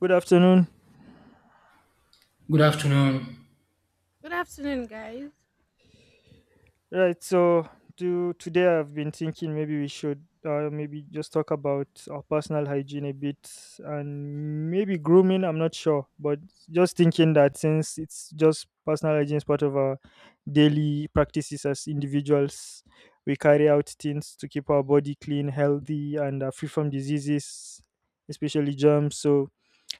Good afternoon. Good afternoon. Good afternoon, guys. Right, so to today I've been thinking maybe we should maybe just talk about our personal hygiene a bit and maybe grooming, I'm not sure, but just thinking that since it's just personal hygiene is part of our daily practices as individuals, we carry out things to keep our body clean, healthy and free from diseases, especially germs. So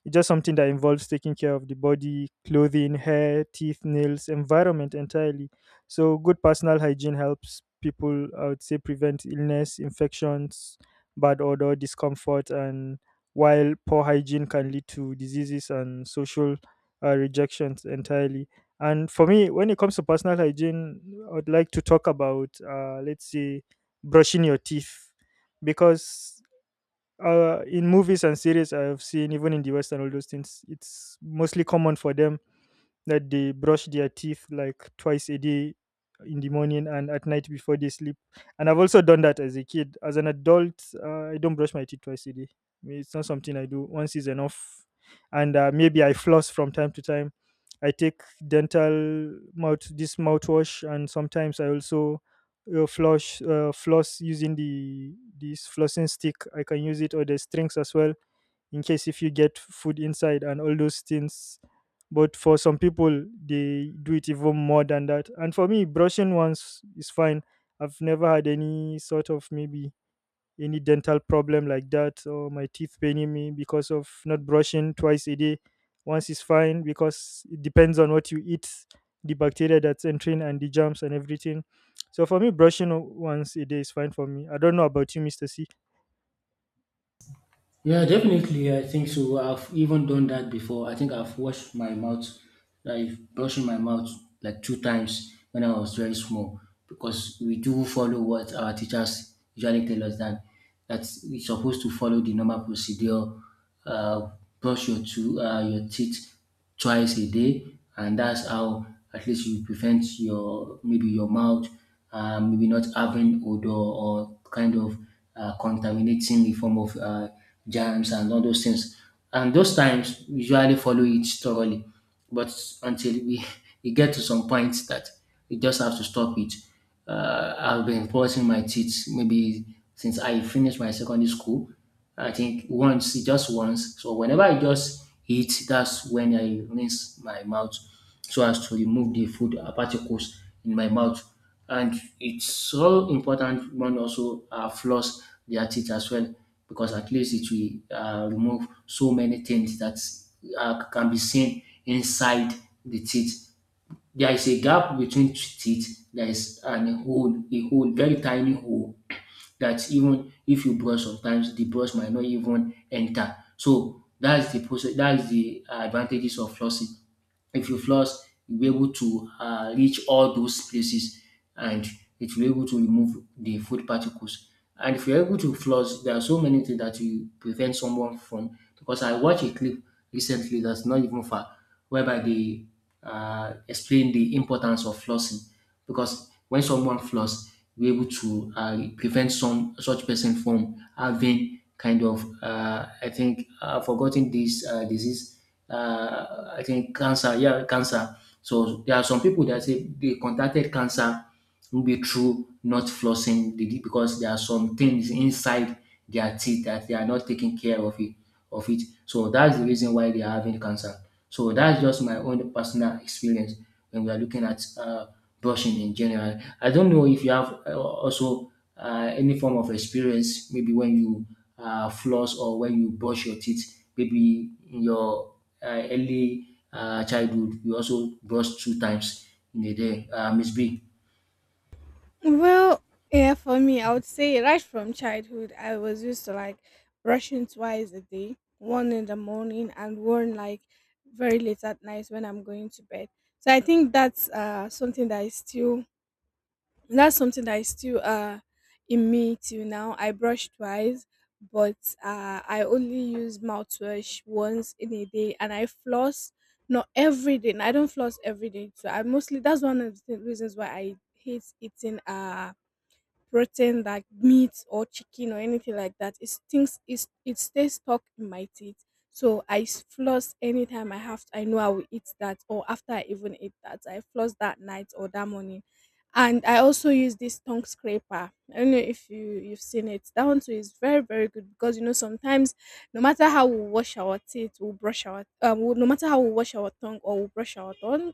it's just something that involves taking care of the body, clothing, hair, teeth, nails, environment entirely. So, good personal hygiene helps people, I would say, prevent illness, infections, bad odor, discomfort, and while poor hygiene can lead to diseases and social rejections entirely. And for me, when it comes to personal hygiene, I would like to talk about, let's say, brushing your teeth because in movies and series I've seen, even in the West and all those things, it's mostly common for them that they brush their teeth like twice a day in the morning and at night before they sleep. And I've also done that as a kid. As an adult, I don't brush my teeth twice a day. I mean, it's not something I do. Once is enough. And maybe I floss from time to time. I take dental mouth this mouthwash, and sometimes I also flush floss using the this flossing stick. I can use it or the strings as well in case if you get food inside and all those things, but for some people they do it even more than that, and for me brushing once is fine. I've never had any sort of maybe any dental problem like that, or my teeth paining me because of not brushing twice a day. Once is fine because it depends on what you eat, the bacteria that's entering and the germs and everything. So for me, brushing once a day is fine for me. I don't know about you, Mr. C. Yeah, definitely. I think so. I've even done that before. I think I've washed my mouth, I've brushed my mouth like 2 times when I was very small because we do follow what our teachers usually tell us that we're supposed to follow the normal procedure. Uh, Brush your two your teeth twice a day, and that's how at least you prevent your maybe your mouth maybe not having odor or kind of contaminating the form of germs and all those things. And those times we usually follow it thoroughly, but until we, we get to some point that we just have to stop it. I've been brushing my teeth maybe since I finished my secondary school. I think once, just once. So whenever I just eat, that's when I rinse my mouth so as to remove the food particles in my mouth. And it's so important one also floss their teeth as well because at least it will remove so many things that can be seen inside the teeth. There is a gap between teeth. There is an a hole, very tiny hole that even if you brush sometimes the brush might not even enter. So that's the process, that's the advantages of flossing. If you flush, you'll be able to reach all those places and it will be able to remove the food particles. And if you're able to flush, there are so many things that you prevent someone from. Because I watched a clip recently that's not even far, whereby they explain the importance of flossing. Because when someone flosses, we're able to prevent some such person from having kind of I think I've forgotten this disease I think cancer, yeah, cancer. So there are some people that say they contacted cancer maybe through not flossing the teeth because there are some things inside their teeth that they are not taking care of it. So that's the reason why they are having cancer. So that's just my own personal experience when we are looking at brushing in general. I don't know if you have also any form of experience, maybe when you floss or when you brush your teeth, maybe your early childhood, we also brush two times in a day. Miss B, Well, yeah, for me, I would say right from childhood, I was used to like brushing twice a day, one in the morning and one like very late at night when I'm going to bed. So I think that's something that is still that's something that is still uh in me till now. I brush twice, but I only use mouthwash once in a day, and I floss not every day. And I don't floss every day, so I mostly that's one of the reasons why I hate eating protein like meat or chicken or anything like that. It stinks. It stays stuck in my teeth. So floss anytime I have. I know I will eat that, or after I even eat that, I floss that night or that morning. And I also use this tongue scraper. I don't know if you've seen it. That one too is very good because you know sometimes no matter how we wash our teeth, we will no matter how we wash our tongue or we brush our tongue,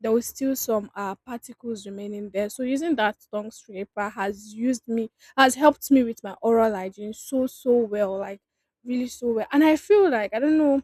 there was still some particles remaining there. So using that tongue scraper has used me has helped me with my oral hygiene so well, like really so well. And I feel like I don't know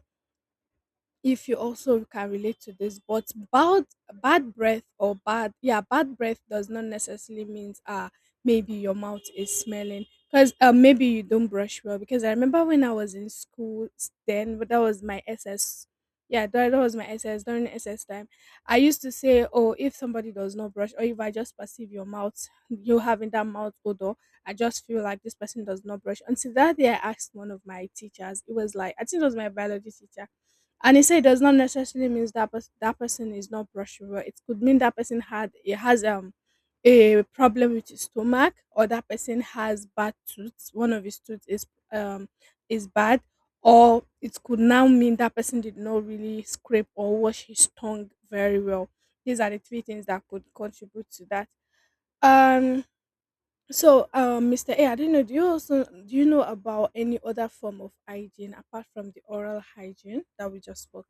if you also can relate to this but bad bad breath or bad yeah bad breath does not necessarily means ah maybe your mouth is smelling because maybe you don't brush well. Because I remember when I was in school s- then but that was my ss yeah that, that was my SS during SS time. I used to say, oh, if somebody does not brush, or if I just perceive your mouth, you having that mouth odor, I just feel like this person does not brush. Until that day I asked one of my teachers, it was like, I think it was my biology teacher, and he said it does not necessarily means that person is not brushable. It could mean that person had it has, um, a problem with his stomach, or that person has bad tooth. One of his tooth is, um, is bad, or it could now mean that person did not really scrape or wash his tongue very well. These are the three things that could contribute to that. Um. So, Mr. A, I didn't know, do you also do you know about any other form of hygiene apart from the oral hygiene that we just spoke?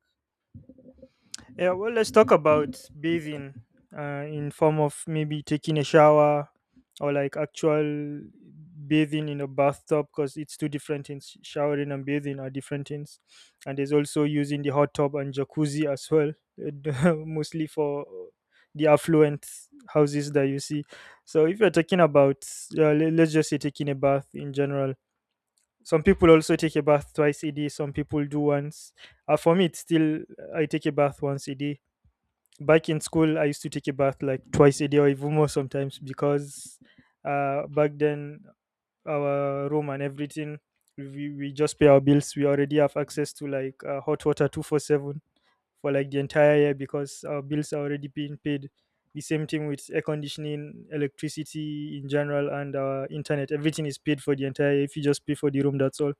Yeah, well, let's talk about bathing in form of maybe taking a shower or like actual bathing in a bathtub, because it's two different things. Showering and bathing are different things, and there's also using the hot tub and jacuzzi as well, mostly for the affluent houses that you see. So if you're talking about, let's just say taking a bath in general. Some people also take a bath twice a day. Some people do once. For me, it's still I take a bath once a day. Back in school I used to take a bath like twice a day or even more sometimes, because back then our room and everything. We just pay our bills. We already have access to like hot water 24/7 for like the entire year, because our bills are already being paid. The same thing with air conditioning, electricity in general, and internet. Everything is paid for the entire year. If you just pay for the room, that's all.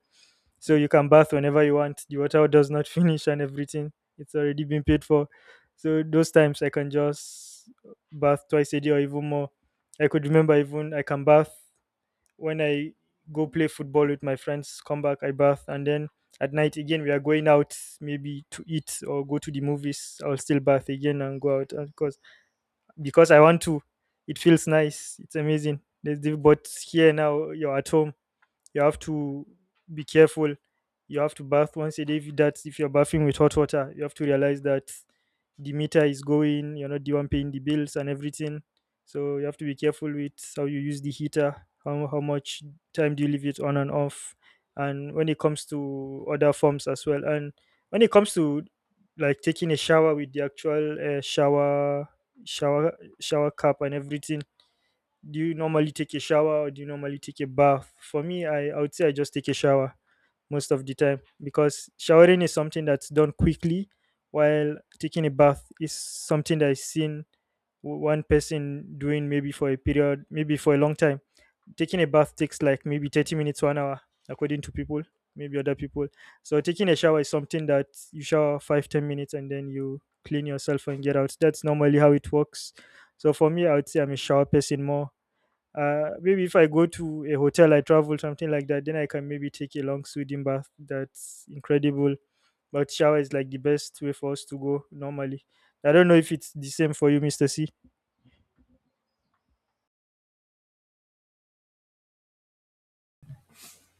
So you can bath whenever you want. The water does not finish and everything. It's already been paid for. So those times I can just bath twice a day or even more. I could remember even I can bath when I go play football with my friends, come back, I bath, and then at night again we are going out maybe to eat or go to the movies. I'll still bath again and go out because I want to. It feels nice. It's amazing. There's the, but here now you're at home. You have to be careful. You have to bath once a day. If that's if you're bathing with hot water, you have to realize that the meter is going. You're not the one paying the bills and everything. So you have to be careful with how you use the heater, how much time do you leave it on and off, and when it comes to other forms as well. And when it comes to like taking a shower with the actual shower cap and everything, do you normally take a shower or do you normally take a bath? For me, I would say I just take a shower most of the time, because showering is something that's done quickly, while taking a bath is something that is seen one person doing maybe for a period, maybe for a long time. Taking a bath takes like maybe 30 minutes, to an hour, according to people, maybe other people. So taking a shower is something that you shower 5 10 minutes and then you clean yourself and get out. That's normally how it works. So for me, I would say I'm a shower person more. Maybe if I go to a hotel, I travel, something like that, then I can maybe take a long soothing bath. That's incredible. But shower is like the best way for us to go normally. I don't know if it's the same for you, Mr. C.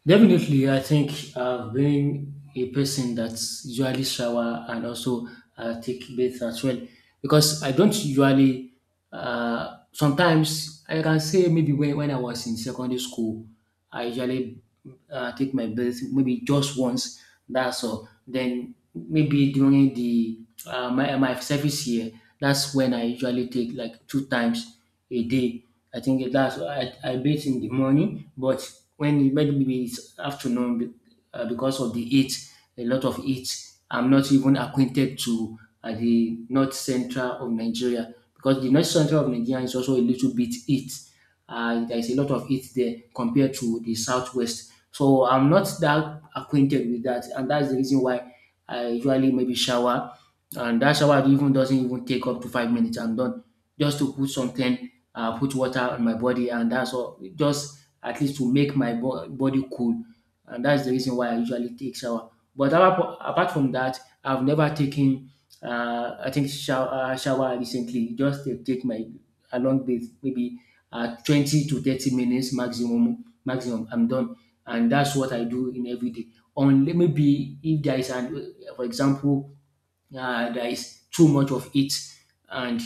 definitely, I think being a person that's usually shower and also take bath as well, because I don't usually. Sometimes I can say maybe when I was in secondary school, I usually take my bath maybe just once. That's all. Then maybe during the my service year, that's when I usually take like 2 times a day. I think it that's why I bathe in the morning, but when it maybe it's afternoon because of the heat, a lot of heat, I'm not even acquainted to the north central of Nigeria because the north central of Nigeria is also a little bit heat. There is a lot of heat there compared to the southwest. So I'm not that acquainted with that, and that's the reason why I usually maybe shower, and that shower even doesn't even take up to 5 minutes. I'm done just to put something put water on my body, and that's all. Just at least to make my body cool, and that's the reason why I usually take shower. But apart from that, I've never taken shower recently. Just to take my a long bath, maybe 20 to 30 minutes maximum. Maximum, I'm done, and that's what I do in every day. Only maybe if there is an, for example, there is too much of it and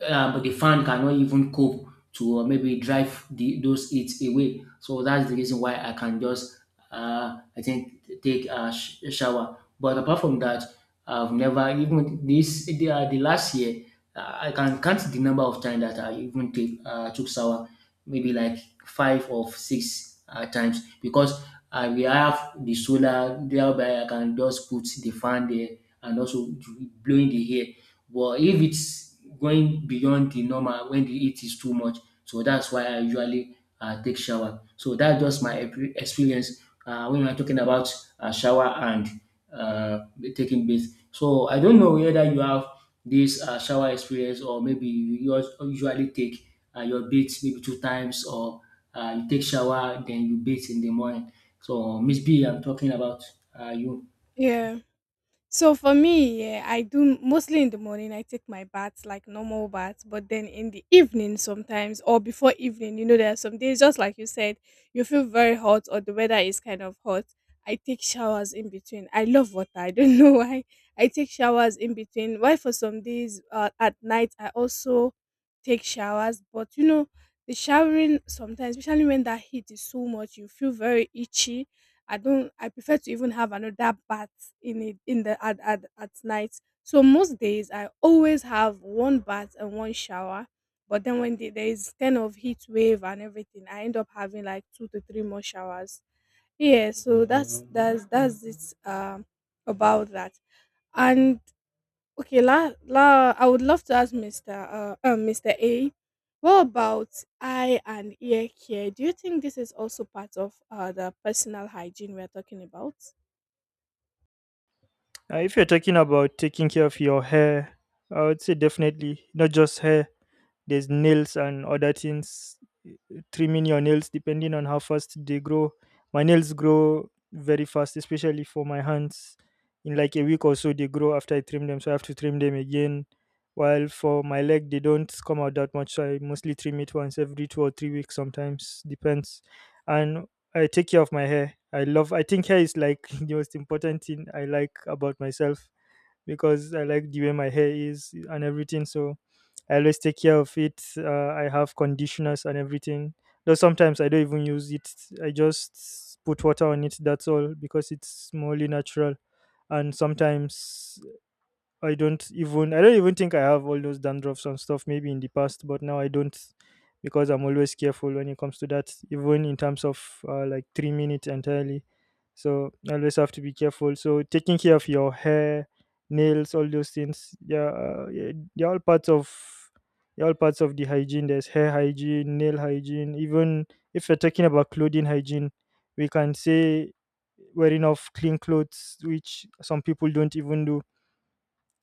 but the fan cannot even cope to maybe drive the, those heat away. So that's the reason why I can just, take a, a shower. But apart from that, I've never even this the last year. I can count the number of times that I even take took shower, maybe like 5 or 6 times because we have the solar. Thereby, I can just put the fan there and also blowing the hair. But if it's going beyond the normal when the heat is too much, so that's why I usually take shower. So that's just my experience when I'm talking about shower and uh, taking bath. So I don't know whether you have this shower experience or maybe you usually take your bath maybe 2 times or you take shower then you bathe in the morning. So Miss B, I'm talking about you. Yeah. So for me, yeah, I do mostly in the morning. I take my baths like normal baths, but then in the evening sometimes or before evening, you know, there are some days, just like you said, you feel very hot or the weather is kind of hot. I take showers in between. I love water. I don't know why. I take showers in between. Why for some days, at night I also take showers. But you know, the showering sometimes, especially when that heat is so much, you feel very itchy. I don't. I prefer to even have another bath in it in the at night. So most days I always have one bath and one shower, but then when there is kind of heat wave and everything, I end up having like two to three more showers. Yeah, so that's it. About that. And okay, la, la I would love to ask Mr. A, what about eye and ear care? Do you think this is also part of the personal hygiene we're talking about? If you're talking about taking care of your hair, I would say definitely not just hair. There's nails and other things, trimming your nails depending on how fast they grow. My nails grow very fast, especially for my hands. In like a week or so, they grow after I trim them, so I have to trim them again. While for my leg, they don't come out that much, so I mostly trim it once every 2 or 3 weeks, sometimes depends. And I take care of my hair. I love. I think hair is like the most important thing I like about myself, because I like the way my hair is and everything. So I always take care of it. I have conditioners and everything. Though sometimes I don't even use it. I just put water on it. That's all because it's mostly natural. And sometimes I don't even think I have all those dandruffs and stuff maybe in the past, but now I don't, because I'm always careful when it comes to that, even in terms of like 3 minutes entirely. So I always have to be careful. So taking care of your hair, nails, all those things, yeah, yeah, they're all parts of the hygiene. There's hair hygiene, nail hygiene. Even if we're talking about clothing hygiene, we can say wearing of clean clothes, which some people don't even do.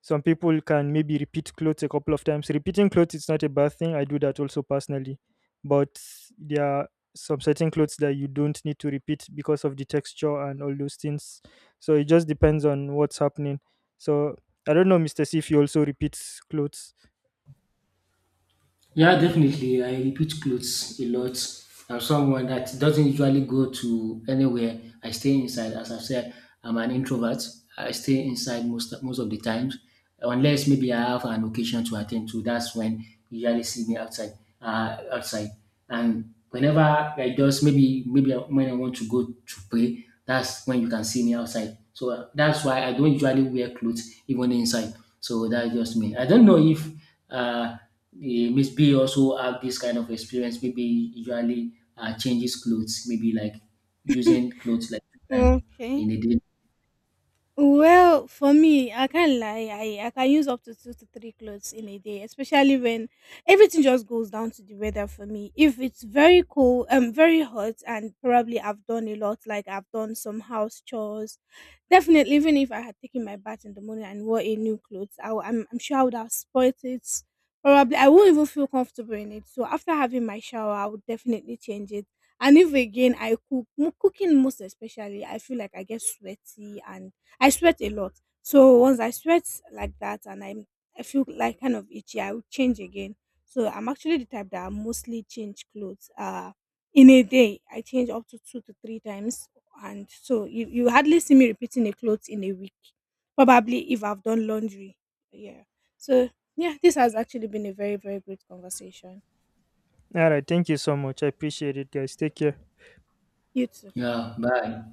Some people can maybe repeat clothes a couple of times. Repeating clothes is not a bad thing. I do that also personally. But there are some certain clothes that you don't need to repeat because of the texture and all those things. So it just depends on what's happening. So I don't know, Mr. C, if you also repeat clothes. Yeah, definitely. I repeat clothes a lot. I'm someone that doesn't usually go to anywhere. I stay inside. As I've said, I'm an introvert. I stay inside most of the times, unless maybe I have an occasion to attend to. That's when you usually see me outside. Uh, outside, and whenever I just maybe when I want to go to pray, that's when you can see me outside. So that's why I don't usually wear clothes even inside. So that's just me. I don't know if uh yeah, Miss B also have this kind of experience. Maybe usually changes clothes. Maybe like using clothes like two times Okay. in a day. Well, for me, I can't lie. I can use up to two to three clothes in a day, especially when everything just goes down to the weather for me. If it's very cold, very hot, and probably I've done a lot, like I've done some house chores, definitely, even if I had taken my bath in the morning and wore a new clothes, I'm sure I would have spoilt it. Probably, I won't even feel comfortable in it. So after having my shower, I would definitely change it. And if again I cook, cooking most especially, I feel like I get sweaty and I sweat a lot. So once I sweat like that, I feel like kind of itchy, I would change again. So I'm actually the type that I mostly change clothes. In a day, I change up to two to three times, and so you hardly see me repeating a clothes in a week, probably if I've done laundry. Yeah. So yeah, this has actually been a very great conversation. All right. Thank you so much. I appreciate it, guys. Take care. You too. Yeah, bye.